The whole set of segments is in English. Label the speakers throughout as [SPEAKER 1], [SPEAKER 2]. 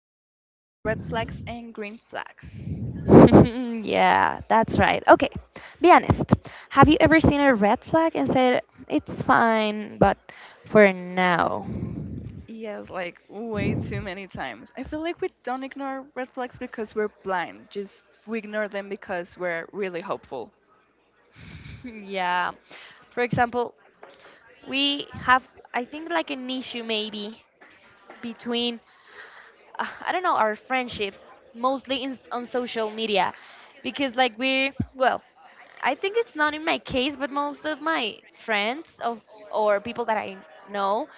[SPEAKER 1] talk about red flags and green flags.
[SPEAKER 2] Yeah, that's right. Okay, be honest. Have you ever seen a red flag and said, it's fine, but for now?
[SPEAKER 1] Yes, like way too many times. I feel like we don't ignore red flags because we're blind. Just we ignore them because we're really hopeful.
[SPEAKER 2] Yeah. For example, we have, I think, like an issue maybe between, I don't know, our friendships, mostly on social media. Because, like, well, I think it's not in my case, but most of my friends of, or people that I know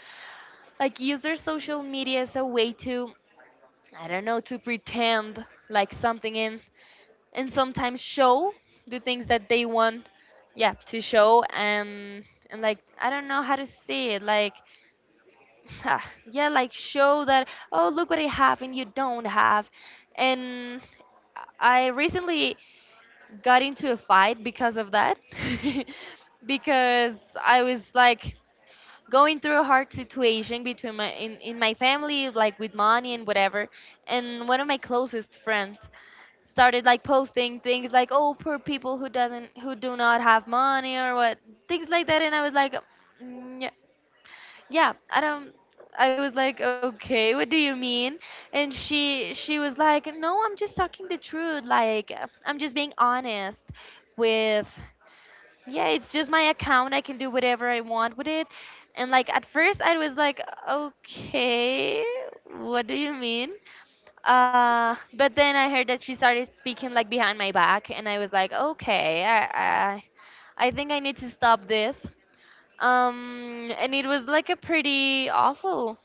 [SPEAKER 2] like use their social media as a way to, I don't know, to pretend like something in and sometimes show the things that they want, yeah, to show and like I don't know how to say it, like ah, yeah, like show that, oh, look what I have and you don't have, and I recently got into a fight because of that. Because I was like going through a hard situation between in my family, like with money and whatever, and one of my closest friends started like posting things like, oh, poor people who do not have money or what, things like that, and I was like, "Mm, yeah, yeah I don't I was like, okay, what do you mean?" And she was like, "No, I'm just talking the truth, like, I'm just being honest with, yeah, it's just my account, I can do whatever I want with it." And like, at first I was like, okay, what do you mean? But then I heard that she started speaking like behind my back, and I was like, okay, I think I need to stop this. And it was like a pretty awful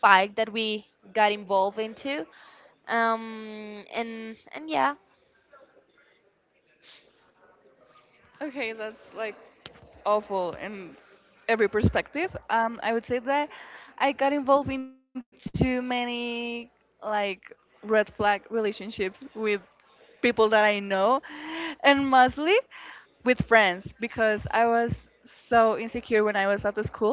[SPEAKER 2] fight that we got involved into. And yeah.
[SPEAKER 1] Okay, that's like awful in every perspective. I would say that I got involved in too many like red flag relationships with people that I know, and mostly with friends because I was so insecure when I was at the school,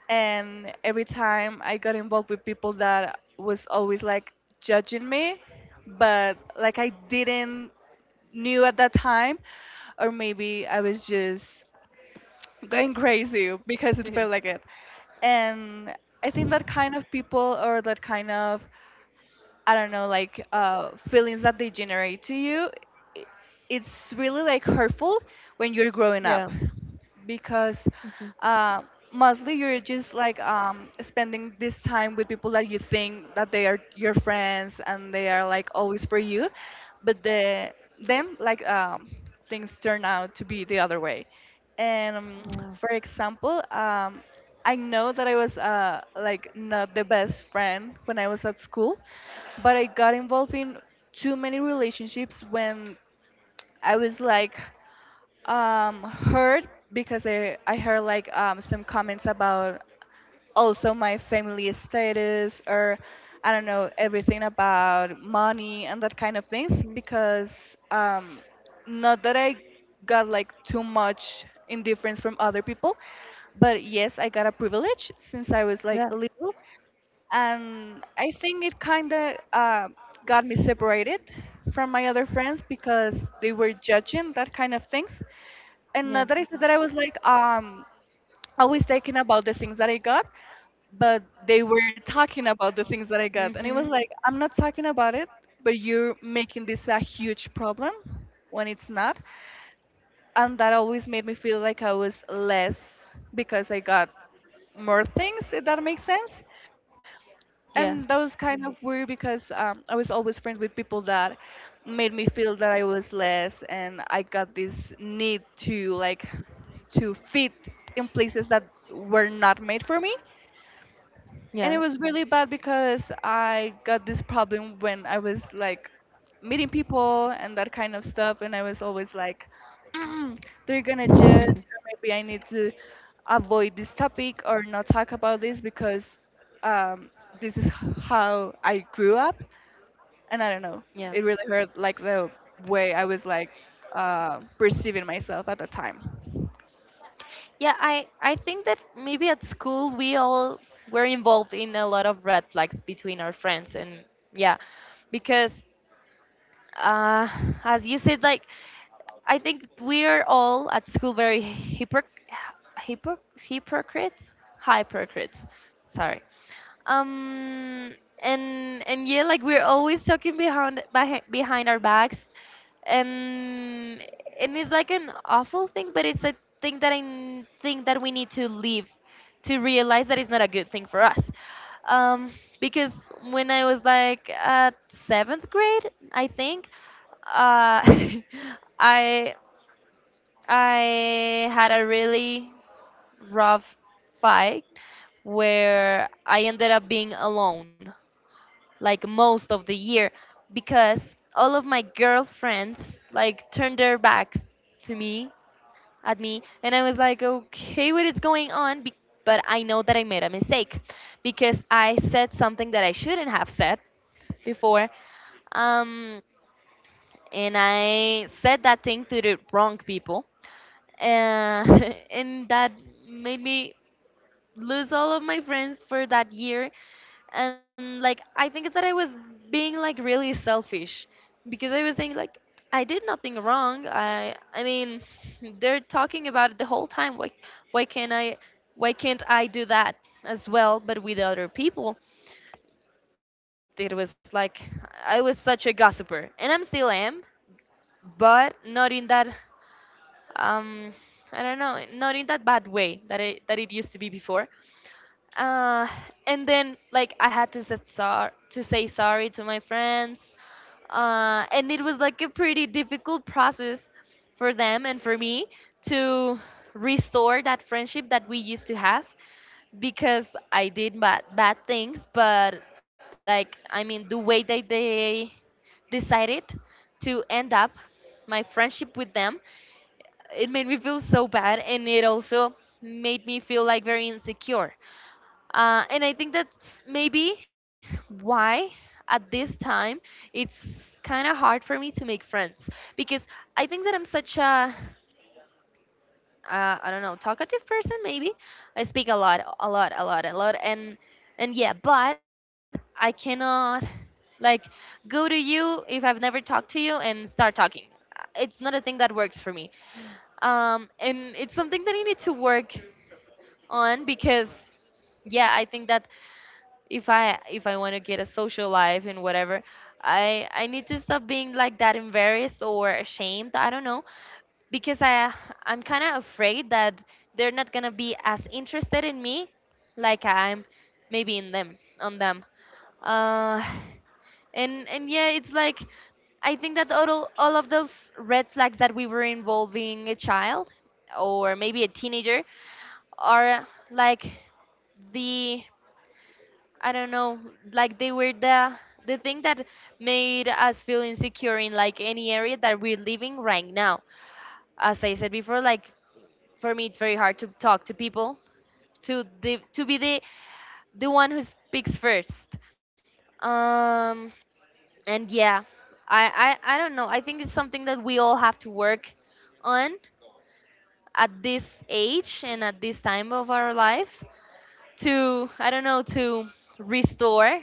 [SPEAKER 1] and every time I got involved with people that was always like judging me, but like I didn't knew at that time, or maybe I was just going crazy because it felt like it. And I think that kind of people or that kind of, I don't know, like feelings that they generate to you, i- it's really like hurtful when you're growing up
[SPEAKER 2] Yeah.
[SPEAKER 1] because
[SPEAKER 2] Mhm.
[SPEAKER 1] uh, mostly you're just like spending this time with people that you think that they are your friends and they are like always for you, but the them like things turn out to be the other way. And for
[SPEAKER 2] Yeah.
[SPEAKER 1] example, I know that I was like not the best friend when I was at school, but I got involved in too many relationships when I was like hurt because I heard like some comments about also my family status or I don't know everything about money and that kind of things
[SPEAKER 2] Mhm.
[SPEAKER 1] because not that I got like too much indifference from other people, but yes I got a privilege since I was like
[SPEAKER 2] Yeah.
[SPEAKER 1] little. And I think it kind of got me separated from my other friends because they were judging that kind of things. And not
[SPEAKER 2] Yeah.
[SPEAKER 1] that I said that I was like always thinking about the things that I got, but they were talking about the things that I got, and it was like
[SPEAKER 2] Mhm.
[SPEAKER 1] I'm not talking about it, but you're making this a huge problem when it's not, and that always made me feel like I was less because I got more things, if that makes sense.
[SPEAKER 2] Yeah.
[SPEAKER 1] And that was kind of weird because I was always friends with people that made me feel that I was less, and I got this need to like to fit in places that were not made for me.
[SPEAKER 2] Yeah.
[SPEAKER 1] And it was really bad because I got this problem when I was like meeting people and that kind of stuff, and I was always like, "Mm, they're gonna judge, or maybe I need to avoid this topic or not talk about this because um, this is how I grew up, and I don't know,
[SPEAKER 2] Yeah.
[SPEAKER 1] it really hurt like the way I was like perceiving myself at the time.
[SPEAKER 2] Yeah, I think that maybe at school we all were involved in a lot of red flags between our friends, and yeah, because uh as you said, like, I think we are all at school very hypocrites, hypocrites. Sorry. Um and yeah, like we're always talking behind our backs, and and it's like an awful thing, but it's a thing that I think that we need to leave, to realize that it's not a good thing for us. um, because when I was like at seventh grade, I think, uh, i I had a really rough fight where I ended up being alone like most of the year, because all of my girlfriends like turned their backs to me at me, and I was like, okay, what is going on? But I know that I made a mistake because I said something that I shouldn't have said before. um and I said that thing to the wrong people, uh, and that made me lose all of my friends for that year. And like, I think that I was being like really selfish because I was saying like, I did nothing wrong. I mean, they're talking about it the whole time, why can't I, why can't I do that as well but with other people? It was like I was such a gossiper, and I'm still am, but not in that, um I don't know, not in that bad way that it used to be before. uh, and then, like, I had to say sorry to my friends. And it was like a pretty difficult process for them and for me to restore that friendship that we used to have, because I did bad things. But, like, I mean, the way that they decided to end up my friendship with them, it made me feel so bad, and it also made me feel like very insecure. And I think that's maybe why at this time it's kind of hard for me to make friends, because I think that I'm such a, I don't know, talkative person maybe. I speak a lot, and yeah, but I cannot, like, go to you if I've never talked to you and start talking. It's not a thing that works for me. And it's something that I need to work on, because yeah, I think that if I want to get a social life and whatever, I need to stop being like that embarrassed or ashamed. I don't know, because I'm kind of afraid that they're not gonna be as interested in me like I'm maybe in them, on them. Uh, and yeah, it's like, I think that all of those red flags that we were involving a child or maybe a teenager are like, the, I don't know, like they were the thing that made us feel insecure in like any area that we're living right now. As I said before, like, for me it's very hard to talk to people, to be the one who speaks first. Um and yeah, I don't know. I think it's something that we all have to work on at this age and at this time of our lives, to, I don't know, to restore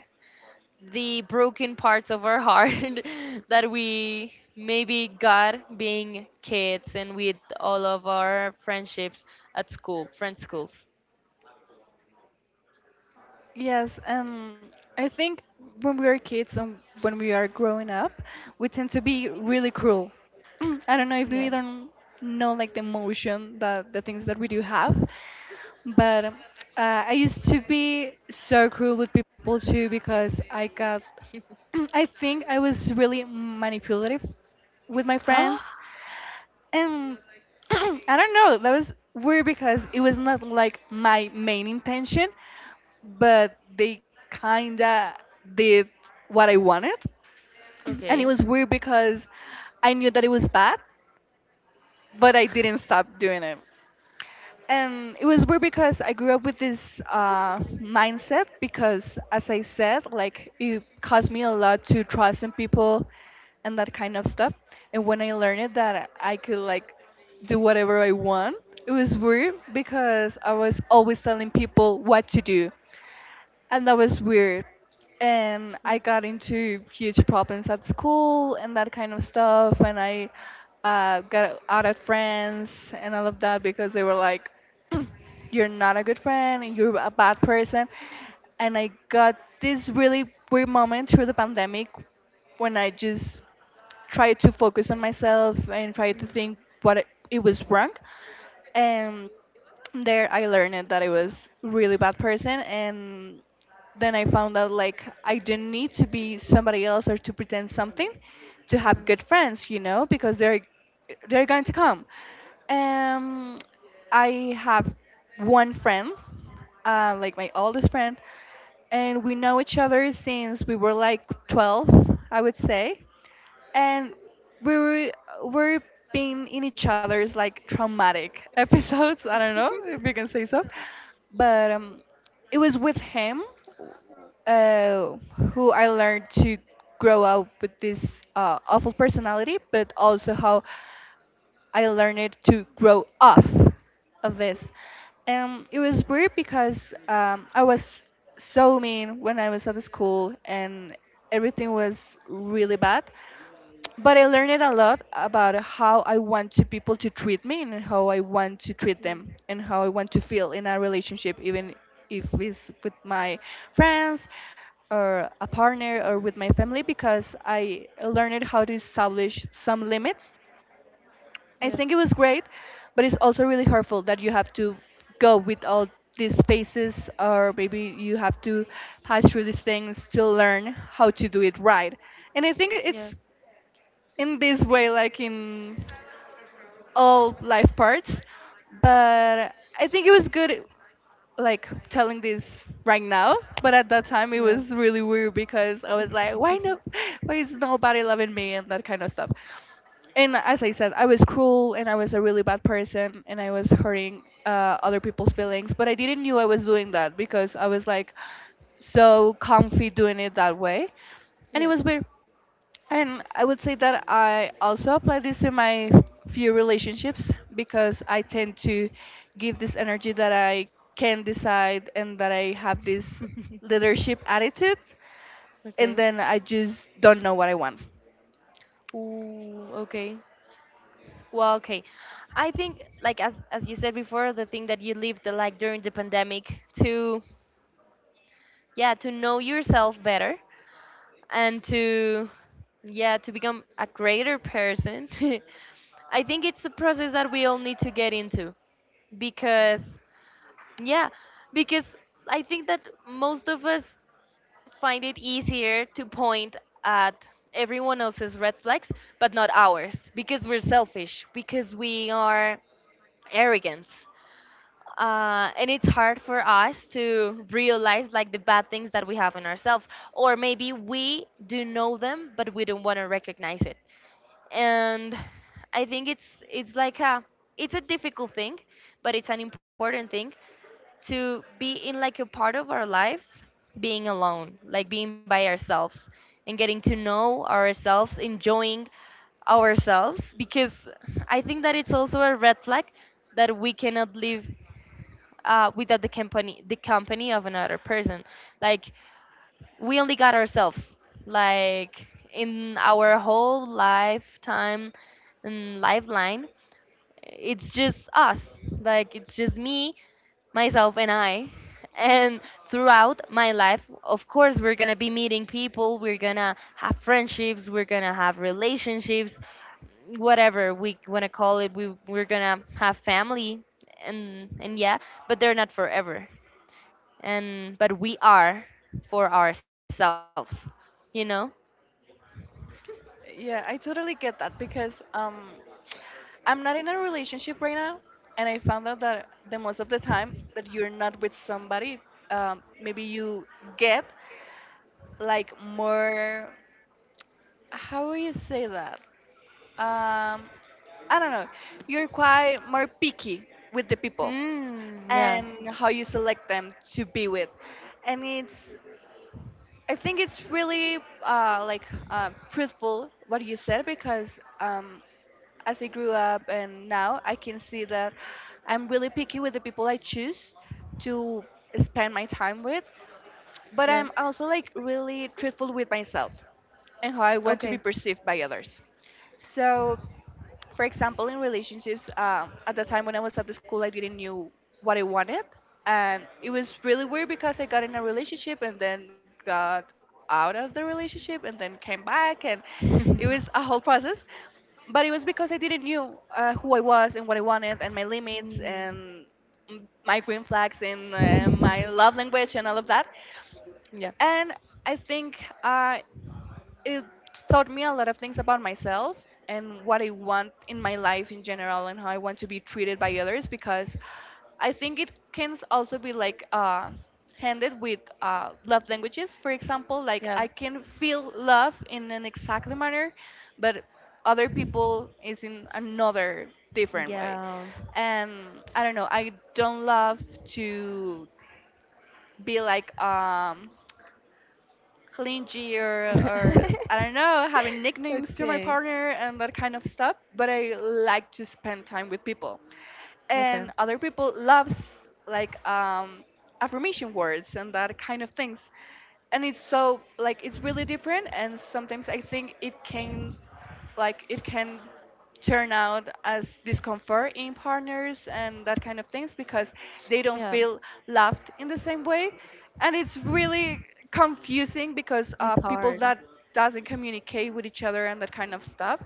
[SPEAKER 2] the broken parts of our heart that we maybe got being kids and with all of our friendships at school, friend schools.
[SPEAKER 1] Yes, I think when we are kids and when we are growing up, we tend to be really cruel. I don't know if
[SPEAKER 2] Yeah.
[SPEAKER 1] we don't know like the emotion that the things that we do have, but I used to be so cruel with people too because I got, I think I was really manipulative with my friends um, I don't know. That was weird because it was not like my main intention, but they kinda did what I wanted, and
[SPEAKER 2] Okay.
[SPEAKER 1] it was weird because I knew that it was bad, but I didn't stop doing it. And it was weird because I grew up with this mindset because, as I said, like it caused me a lot to trust in people and that kind of stuff. And when I learned it that I could like do whatever I want, it was weird because I was always telling people what to do, and that was weird. And I got into huge problems at school and that kind of stuff. And I got out at friends and all of that because they were like, "You're not a good friend. And You're a bad person." And I got this really weird moment through the pandemic when I just tried to focus on myself and tried to think what it was wrong. And there I learned that I was really bad person, and then I found out like I didn't need to be somebody else or to pretend something to have good
[SPEAKER 2] Mm.
[SPEAKER 1] friends, you know, because they're going to come. Um, I have one friend, like my oldest friend, and we know each other since we were like 12, I would say, and we were we're being in each other's like traumatic episodes. I don't know if you can say so, but it was with him uh, who I learned to grow up with this awful personality, but also how I learned to grow off of this. It was weird because I was so mean when I was at the school and everything was really bad. But I learned a lot about how I want to people to treat me and how I want to treat
[SPEAKER 2] Mm.
[SPEAKER 1] them and how I want to feel in a relationship, even if it's with my friends or a partner or with my family, because I learned how to establish some limits.
[SPEAKER 2] Yeah.
[SPEAKER 1] I think it was great, but it's also really hurtful that you have to go with all these phases, or maybe you have to pass through these things to learn how to do it right. And I think
[SPEAKER 2] Yeah.
[SPEAKER 1] it's in this way, like in all life parts. But I think it was good like telling this right now, but at that time
[SPEAKER 2] Yeah.
[SPEAKER 1] it was really weird because I was like, why no, why is nobody loving me and that kind of stuff. And as I said, I was cruel and I was a really bad person and I was hurting other people's feelings, but I didn't knew I was doing that because I was like so comfy doing it that way, and it
[SPEAKER 2] Yeah.
[SPEAKER 1] was weird. And I would say that I also apply this to my few relationships because I tend to give this energy that I can decide and that I have this leadership attitude, and
[SPEAKER 2] Okay.
[SPEAKER 1] then I just don't know what I want.
[SPEAKER 2] Ooh, okay. Well, okay. I think, like, as you said before, the thing that you lived, like, during the pandemic, to yeah, to know yourself better and to yeah to become a greater person. I think it's a process that we all need to get into, because yeah, because I think that most of us find it easier to point at everyone else's red flags but not ours, because we're selfish, because we are arrogant. And it's hard for us to realize like the bad things that we have in ourselves, or maybe we do know them but we don't want to recognize it. And I think it's like a, it's a difficult thing, but it's an important thing, to be in like a part of our life being alone, like being by ourselves, and getting to know ourselves, enjoying ourselves. Because I think that it's also a red flag that we cannot live, without the company of another person. Like, we only got ourselves, like, in our whole lifetime and lifeline, it's just us, like, it's just me, myself, and I. And throughout my life, of course, we're gonna be meeting people, we're gonna have friendships, we're gonna have relationships, whatever we want to call it, we're gonna have family, and yeah. But they're not forever, and but we are, for ourselves, you know?
[SPEAKER 1] Yeah, I totally get that because I'm not in a relationship right now, and I found out that the most of the time that you're not with somebody, maybe you get like more. How do you say that? um, I don't know, you're quite more picky with the people
[SPEAKER 2] Mm, yeah,
[SPEAKER 1] and how you select them to be with. And it's, I think it's really like truthful what you said because as I grew up and now I can see that I'm really picky with the people I choose to spend my time with, but
[SPEAKER 2] yeah.
[SPEAKER 1] I'm also like really truthful with myself and how I want to
[SPEAKER 2] Okay.
[SPEAKER 1] be perceived by others. So for example, in relationships, at the time when I was at the school, I didn't knew what I wanted, and it was really weird because I got in a relationship and then got out of the relationship and then came back, and it was a whole process. But it was because I didn't knew who I was and what I wanted and my limits
[SPEAKER 2] Mm.
[SPEAKER 1] and my green flags and my love language and all of that.
[SPEAKER 2] yeah,
[SPEAKER 1] And I think uh, it taught me a lot of things about myself and what I want in my life in general and how I want to be treated by others because I think it can also be like handed with love languages. For example, like
[SPEAKER 2] yeah,
[SPEAKER 1] I can feel love in an exact manner, but other people is in another different way.
[SPEAKER 2] yeah.
[SPEAKER 1] And I don't know, I don't love to be like clingy or I don't know, having nicknames to my
[SPEAKER 2] okay,
[SPEAKER 1] partner and that kind of stuff. But I like to spend time with people,
[SPEAKER 2] okay.
[SPEAKER 1] and other people loves like affirmation words and that kind of things, and it's so like it's really different, and sometimes I think it can turn out as discomfort in partners and that kind of things because they don't
[SPEAKER 2] Yeah,
[SPEAKER 1] feel loved in the same way, and it's really confusing because
[SPEAKER 2] it's
[SPEAKER 1] people
[SPEAKER 2] hard.
[SPEAKER 1] that doesn't communicate with each other and that kind of stuff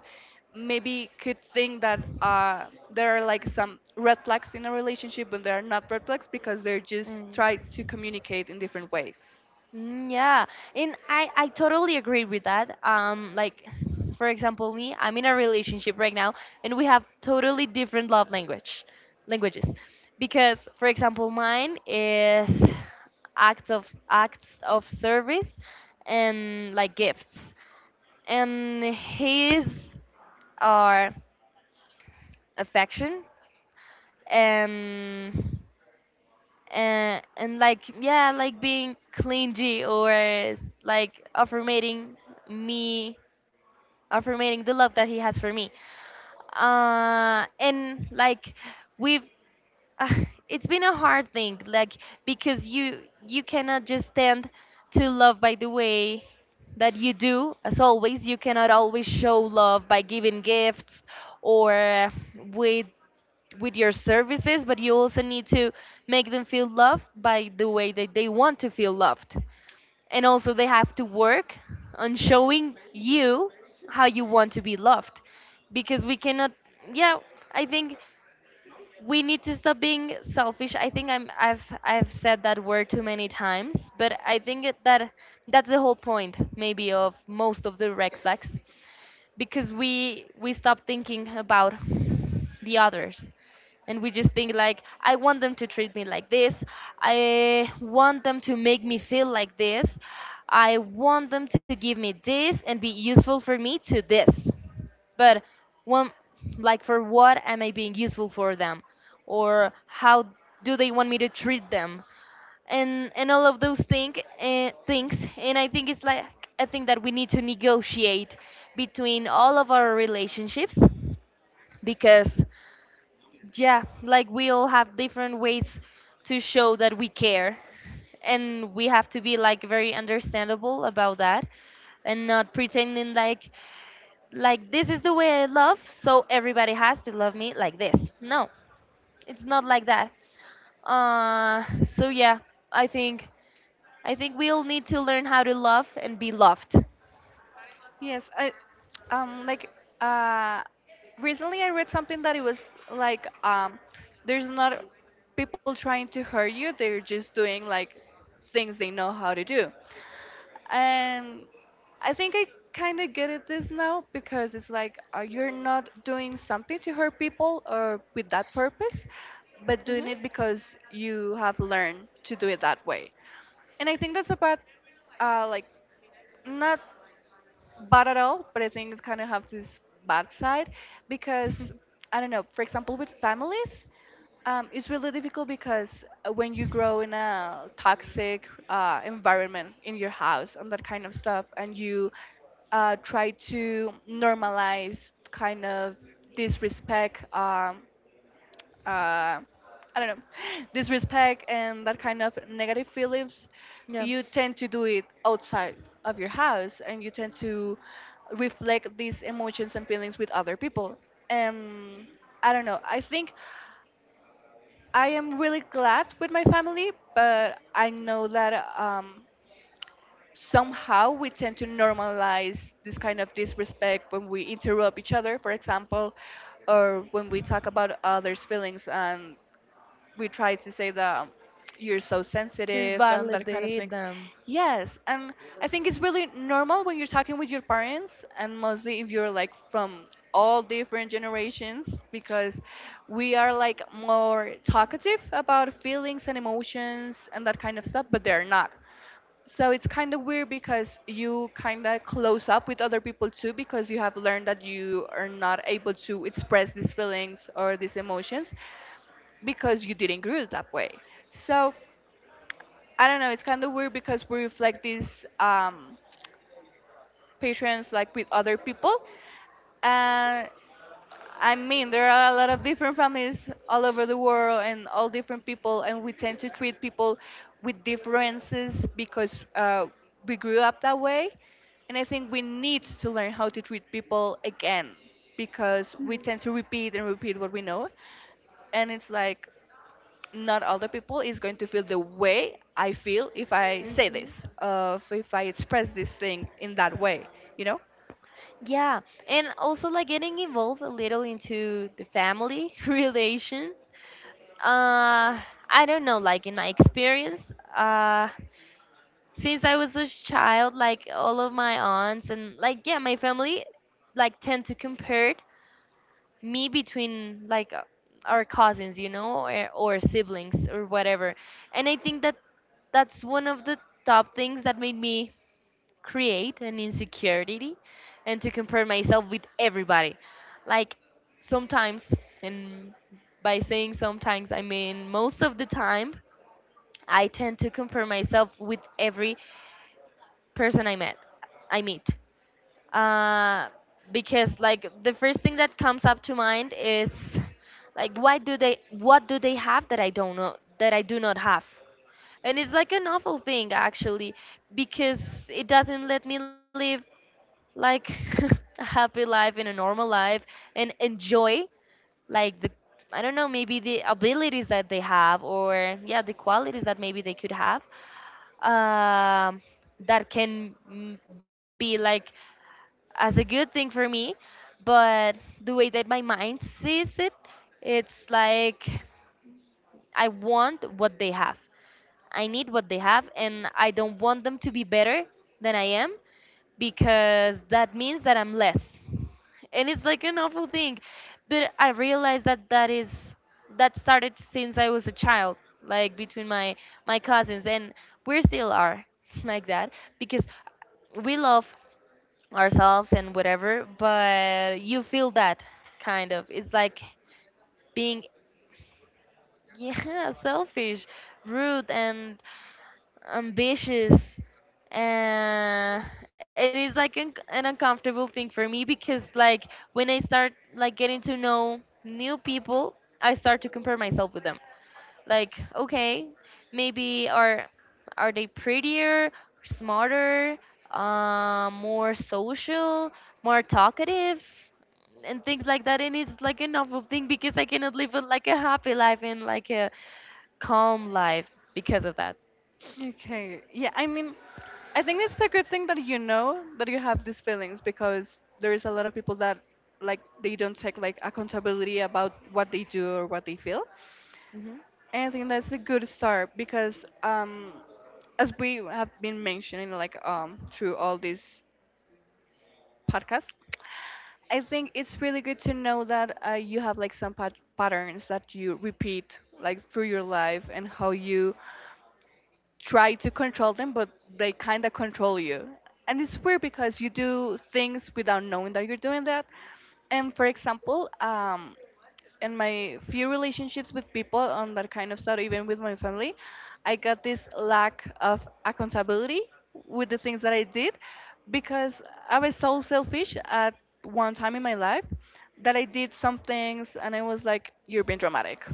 [SPEAKER 1] maybe could think that there are like some red flags in a relationship, but they are not red flags because they're just
[SPEAKER 2] Mm.
[SPEAKER 1] try to communicate in different ways.
[SPEAKER 2] Mm, yeah, and I totally agree with that. Like, for example, me, I'm in a relationship right now, and we have totally different love language, languages, because, for example, mine is acts of service, and like gifts, and his are affection and and like yeah, like being clingy or s- like me affirming the love that he has for me. And like we've, uh, it's been a hard thing, like, because you cannot just stand to love by the way that you do as always. You cannot always show love by giving gifts or with with your services, but you also need to make them feel loved by the way that they want to feel loved. And also they have to work on showing you how you want to be loved. Because we cannot, yeah, I think we need to stop being selfish. I think I've said that word too many times, but I think that that's the whole point maybe of most of the red flags, because we stop thinking about the others, and we just think like, I want them to treat me like this, I want them to make me feel like this, I want them to give me this and be useful for me to this. But when, like, for what am I being useful for them, or how do they want me to treat them? And all of those things, and I think it's like, I think that we need to negotiate between all of our relationships, because yeah, like we all have different ways to show that we care, and we have to be like very understandable about that, and not pretending like, this is the way I love, so everybody has to love me like this. No, it's not like that. uh so yeah, i think I think we'll need to learn how to love and be loved.
[SPEAKER 1] Yes, I um like uh recently I read something that it was like there's not people trying to hurt you, they're just doing like things they know how to do. And I think I kind of get it this now because it's like you're not doing something to hurt people or with that purpose, but doing
[SPEAKER 2] Hmm.
[SPEAKER 1] it because you have learned to do it that way. And I think that's about uh, like not bad at all, but I think it kind of has this bad side because I don't know. For example, with families, it's really difficult because when you grow in a toxic environment in your house and that kind of stuff, and you try to normalize kind of disrespect uh, I don't know, disrespect and that kind of negative feelings,
[SPEAKER 2] Yeah,
[SPEAKER 1] you tend to do it outside of your house and you tend to reflect these emotions and feelings with other people. And I don't know, I think I am really glad with my family, but I know that somehow we tend to normalize this kind of disrespect when we interrupt each other, for example, or when we talk about others' feelings and we try to say that you're so
[SPEAKER 2] to
[SPEAKER 1] sensitive and that kind of
[SPEAKER 2] validate
[SPEAKER 1] things.
[SPEAKER 2] them.
[SPEAKER 1] Yes, and I think it's really normal when you're talking with your parents, and mostly if you're like from all different generations, because we are like more talkative about feelings and emotions and that kind of stuff, but they're not. So it's kind of weird because you kind of close up with other people too, because you have learned that you are not able to express these feelings or these emotions because you didn't grew it that way. So I don't know, it's kind of weird because we reflect these patrons like with other people. And I mean, there are a lot of different families all over the world and all different people, and we tend to treat people with differences because we grew up that way. And I think we need to learn how to treat people again because we tend to repeat and repeat what we know. And it's like, not all the people is going to feel the way I feel if I say
[SPEAKER 2] Mhm.
[SPEAKER 1] this, if I express this thing in that way, you know?
[SPEAKER 2] Yeah, and also like getting involved a little into the family relation. Uh, I don't know, like in my experience, since I was a child, like all of my aunts and like yeah, my family like tend to compare me between like our cousins you know or siblings or whatever. And I think that that's one of the top things that made me create an insecurity and to compare myself with everybody, like sometimes. And by saying sometimes I mean most of the time, I tend to compare myself with every person I meet, uh, because like the first thing that comes up to mind is like why do they what do they have that I don't know that I do not have. And it's like an awful thing, actually, because it doesn't let me live like a happy life in a normal life and enjoy like the, I don't know, maybe the abilities that they have, or yeah, the qualities that maybe they could have, um, that can be like as a good thing for me. But the way that my mind sees it, it's like I want what they have. I need what they have, and I don't want them to be better than I am, because that means that I'm less. And it's like an awful thing. But I realized that that is that started since I was a child, like between my cousins, and we still are like that because we love ourselves and whatever, but you feel that kind of. It's like being, yeah, selfish, rude, and ambitious. Uh, it is like an uncomfortable thing for me, because like when I start like getting to know new people, I start to compare myself with them, like okay, maybe are they prettier, smarter, more social, more talkative, and things like that. And it's like a novel thing because I cannot live a, like a happy life and like a calm life because of that.
[SPEAKER 1] Okay. Yeah, I mean, I think it's a good thing that you know that you have these feelings because there is a lot of people that like they don't take like accountability about what they do or what they feel.
[SPEAKER 2] Hmm.
[SPEAKER 1] And I think that's a good start because as we have been mentioning like through all these podcasts, I think it's really good to know that you have like some patterns that you repeat like through your life and how you try to control them, but they kind of control you. And it's weird because you do things without knowing that you're doing that. And for example, in my few relationships with people on that kind of stuff, even with my family, I got this lack of accountability with the things that I did because I was so selfish at one time in my life that I did some things and I was like, you're being dramatic,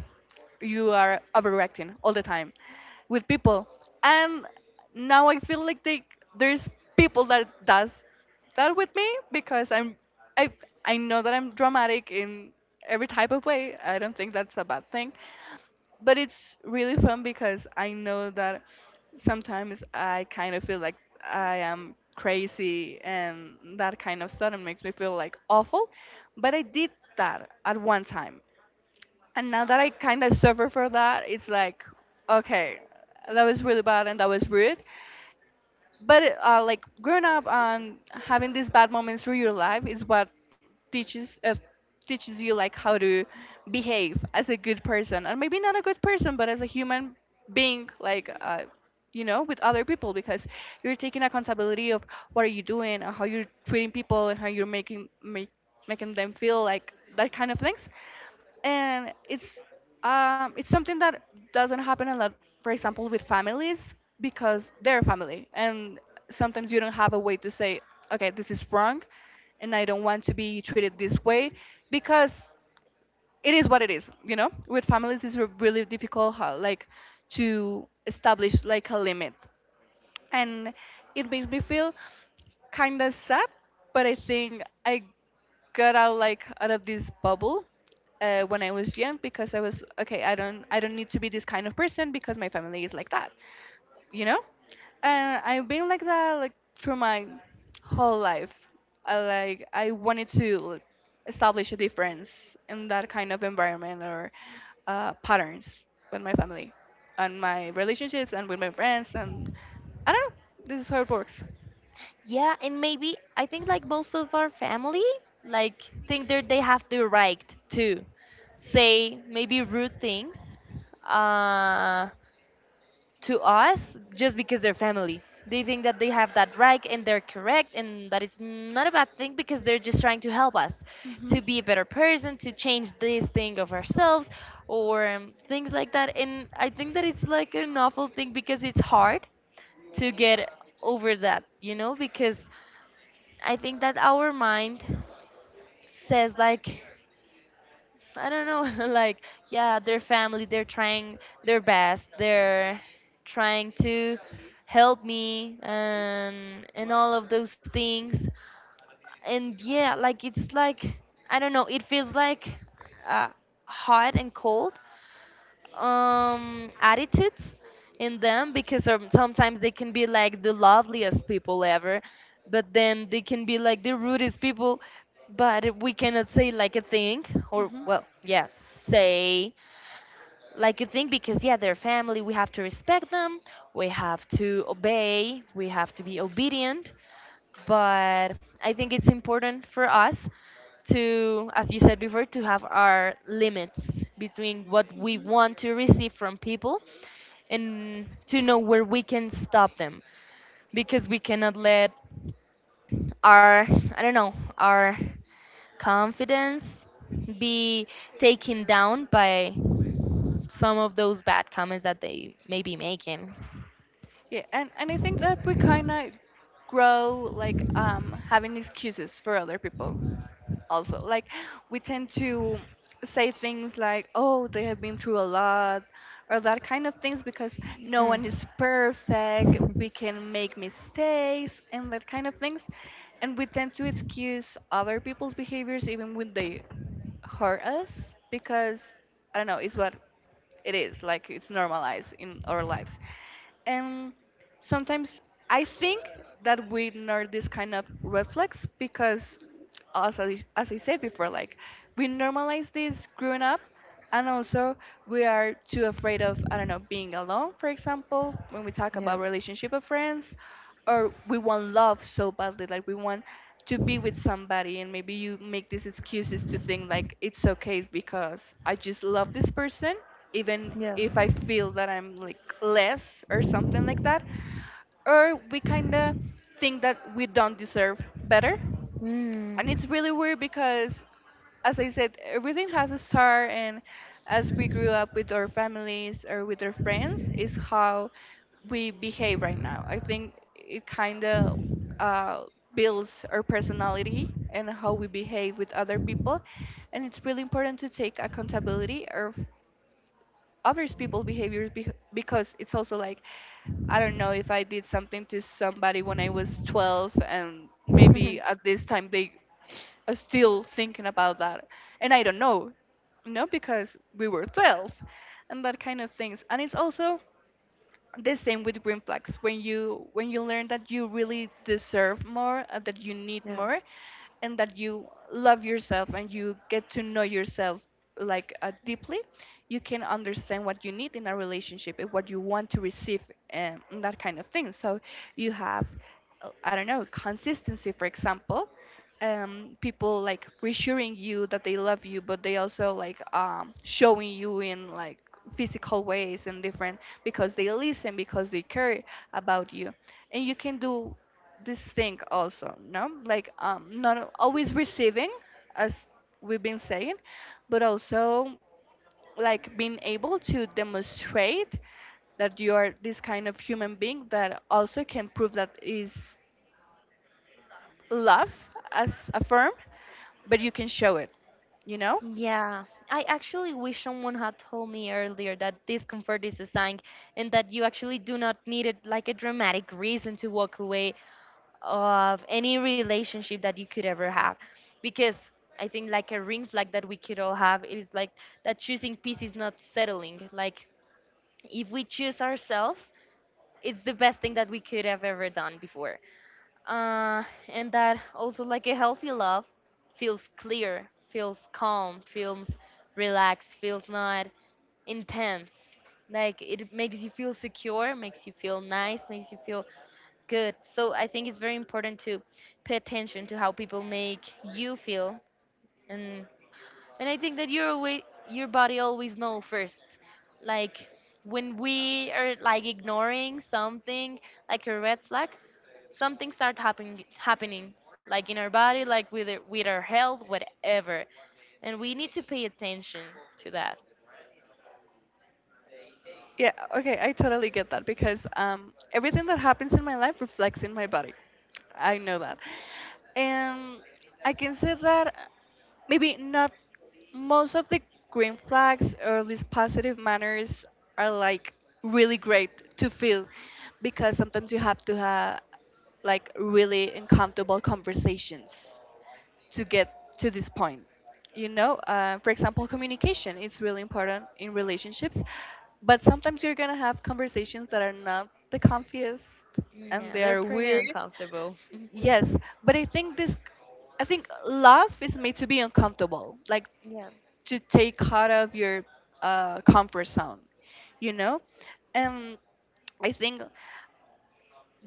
[SPEAKER 1] you are overreacting all the time with people. And now I feel like there's people that does that with me because I I know that I'm dramatic in every type of way. I don't think that's a bad thing. But it's really fun because I know that sometimes I kind of feel like I am crazy and that kind of stuff and makes me feel like awful. But I did that at one time and now that I kind of suffer for that, it's like, okay, that was really bad and that was rude. But like growing up and having these bad moments through your life is what teaches uh, teaches you like how to behave as a good person, and maybe not a good person, but as a human being, like you know, with other people, because you're taking accountability of what are you doing and how you're treating people and how you're making them feel like that kind of things. And it's something that doesn't happen a lot, for example, with families because they're family and sometimes you don't have a way to say, okay, this is wrong and I don't want to be treated this way, because it is what it is, you know. With families it's really difficult how, like, to establish like a limit. And it makes me feel kind of sad, but I think I got out like out of this bubble when I was young because I was okay, I don't need to be this kind of person because my family is like that, you know? And I've been like that like through my whole life. I like I wanted to like, establish a difference in that kind of environment or patterns with my family and my relationships and with my friends and I don't know. This is how it works.
[SPEAKER 2] Yeah, and maybe I think like most of our family like think that they have the right to say maybe rude things uh to us just because they're family. They think that they have that right and they're correct and that it's not a bad thing because they're just trying to help us to
[SPEAKER 1] Hmm
[SPEAKER 2] be a better person, to change this thing of ourselves or things like that. And I think that it's like an awful thing because it's hard to get over that, you know, because I think that our mind says like, I don't know, like yeah, their family, they're trying their best, they're trying to help me and all of those things. And yeah, like it's like, I don't know, it feels like uh, hot and cold, attitudes in them because sometimes they can be like the loveliest people ever, but then they can be like the rudest people. But we cannot say like a thing, or
[SPEAKER 1] hmm
[SPEAKER 2] well, yes, say like a thing because yeah, they're family, we have to respect them, we have to obey, we have to be obedient. But I think it's important for us to, as you said before, to have our limits between what we want to receive from people and to know where we can stop them, because we cannot let our, I don't know, our confidence be taken down by some of those bad comments that they may be making.
[SPEAKER 1] Yeah, and I think that we kind of grow like having excuses for other people also. Like we tend to say things like, oh, they have been through a lot or that kind of things because no
[SPEAKER 2] Mm.
[SPEAKER 1] one is perfect. We can make mistakes and that kind of things. And we tend to excuse other people's behaviors even when they hurt us because I don't know, it's what it is like it's normalized in our lives. And sometimes I think that we ignore this kind of reflex because, as I said before, like we normalize this growing up, and also we are too afraid of I don't know being alone, for example, when we talk about
[SPEAKER 2] Yeah.
[SPEAKER 1] relationship of friends, or we want love so badly, like we want to be with somebody, and maybe you make these excuses to think like it's okay because I just love this person even
[SPEAKER 2] Yeah.
[SPEAKER 1] if I feel that I'm like less or something like that. Or we kind of think that we don't deserve better. And it's
[SPEAKER 2] Mm.
[SPEAKER 1] really weird because, as I said, everything has a start, and as we grew up with our families or with our friends, is how we behave right now. I think it kind of uh, builds our personality and how we behave with other people, and it's really important to take accountability of others people's behaviors because it's also like I don't know if I did something to somebody when I was 12 and maybe at this time they are still thinking about that and I don't know, you know, because we were 12 and that kind of things. And it's also the same with green flags when you learn that you really deserve more, that you need
[SPEAKER 2] Yeah.
[SPEAKER 1] more and that you love yourself and you get to know yourself like deeply, you can understand what you need in a relationship and what you want to receive, and that kind of thing. So you have I don't know, consistency, for example, people like reassuring you that they love you but they also like showing you in like physical ways and different, because they listen, because they care about you. And you can do this thing also, no? Like not always receiving, as we've been saying, but also like being able to demonstrate that you are this kind of human being that also can prove that is love as a firm, but you can show it, you know?
[SPEAKER 2] Yeah, I actually wish someone had told me earlier that discomfort is a sign and that you actually do not need it like a dramatic reason to walk away of any relationship that you could ever have. Because I think like a ring flag that we could all have is like that choosing peace is not settling. Like if we choose ourselves, it's the best thing that we could have ever done before. Uh, and that also, like a healthy love, feels clear, feels calm, feels relaxed, feels not intense. Like it makes you feel secure, makes you feel nice, makes you feel good. So I think it's very important to pay attention to how people make you feel. And I think that your body always know first. Like when we are like ignoring something, like a red flag, something start happening like in our body, like with our health, whatever. And we need to pay attention to that.
[SPEAKER 1] Yeah, okay, I totally get that because everything that happens in my life reflects in my body. I know that. And I can say that maybe not most of the green flags or these positive manners are like really great to feel because sometimes you have to have like really uncomfortable conversations to get to this point, you know. For example, communication, it's really important in relationships, but sometimes you're gonna have conversations that are not the comfiest and they
[SPEAKER 2] Yeah,
[SPEAKER 1] are
[SPEAKER 2] they're pretty
[SPEAKER 1] weird,
[SPEAKER 2] uncomfortable.
[SPEAKER 1] yes, but I think love is made to be uncomfortable, like
[SPEAKER 2] Yeah.
[SPEAKER 1] to take out of your comfort zone, you know. And I think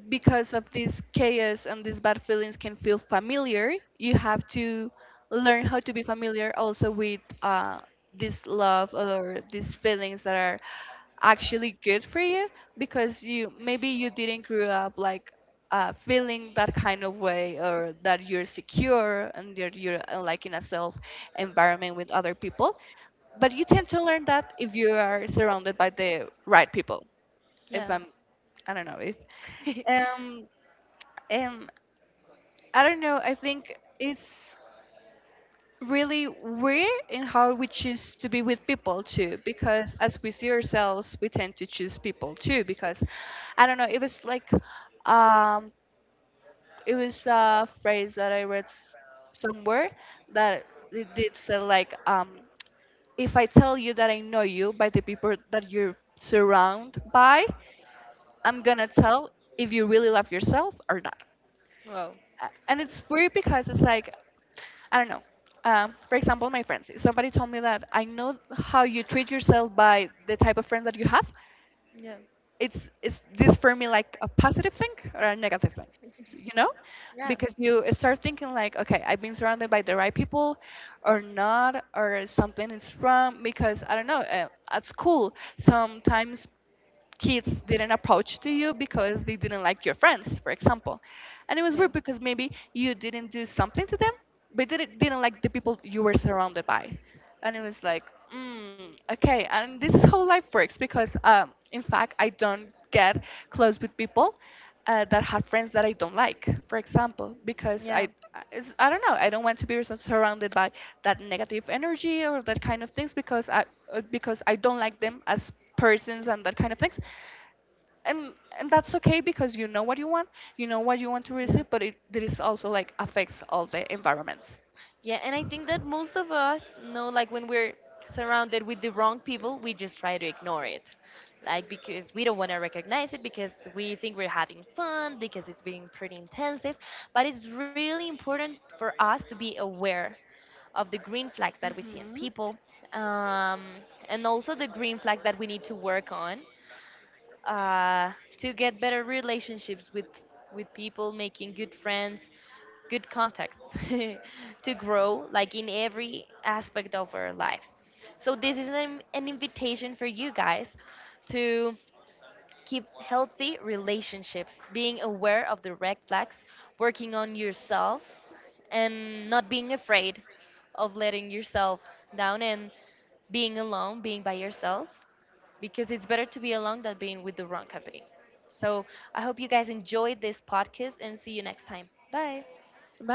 [SPEAKER 1] because of this chaos and these bad feelings can feel familiar, you have to learn how to be familiar also with this love or these feelings that are actually good for you because you maybe you didn't grow up like feeling that kind of way, or that you're secure and that you're like in a self environment with other people, but you tend to learn that if you are surrounded by the right people. if
[SPEAKER 2] Yeah.
[SPEAKER 1] i'm i don't know if um, um, I don't know. I think it's really weird in how we choose to be with people too, because as we see ourselves, we tend to choose people too. Because I don't know, it was like, um, it was a phrase that I read somewhere that it did say like, if I tell you that I know you by the people that you're surrounded by, I'm gonna tell if you really love yourself or not.
[SPEAKER 2] Well,
[SPEAKER 1] And it's weird because it's like I don't know. For example, my friends. Somebody told me that I know how you treat yourself by the type of friends that you have.
[SPEAKER 2] yeah.
[SPEAKER 1] It's this for me like a positive thing or a negative thing, you know?
[SPEAKER 2] Yeah.
[SPEAKER 1] Because you start thinking like, okay, I've been surrounded by the right people, or not, or something is wrong. Because I don't know. At school, sometimes kids didn't approach to you because they didn't like your friends, for example. And it was
[SPEAKER 2] Yeah.
[SPEAKER 1] weird because maybe you didn't do something to them, but they didn't like the people you were surrounded by. And it was like, mm, okay. And this is how life works because, in fact, I don't get close with people that have friends that I don't like, for example, because
[SPEAKER 2] Yeah.
[SPEAKER 1] it's, I don't know, I don't want to be so surrounded by that negative energy or that kind of things because because I don't like them as persons and that kind of things, and that's okay because you know what you want, you know what you want to
[SPEAKER 2] Yeah.
[SPEAKER 1] receive, but it is also like affects all the environments.
[SPEAKER 2] Yeah, and I think that most of us know, like, when we're surrounded with the wrong people, we just try to ignore it. Like, because we don't want to recognize it, because we think we're having fun, because it's being pretty intensive. But it's really important for us to be aware of the green flags that we
[SPEAKER 1] Hmm
[SPEAKER 2] see in people, um, and also the green flags that we need to work on, uh, to get better relationships with people, making good friends, good contacts, to grow like in every aspect of our lives. So this is an invitation for you guys to keep healthy relationships, being aware of the red flags, working on yourselves, and not being afraid of letting yourself down and being alone, being by yourself, because it's better to be alone than being with the wrong company. So I hope you guys enjoyed this podcast and see you next time. Bye.
[SPEAKER 1] Bye.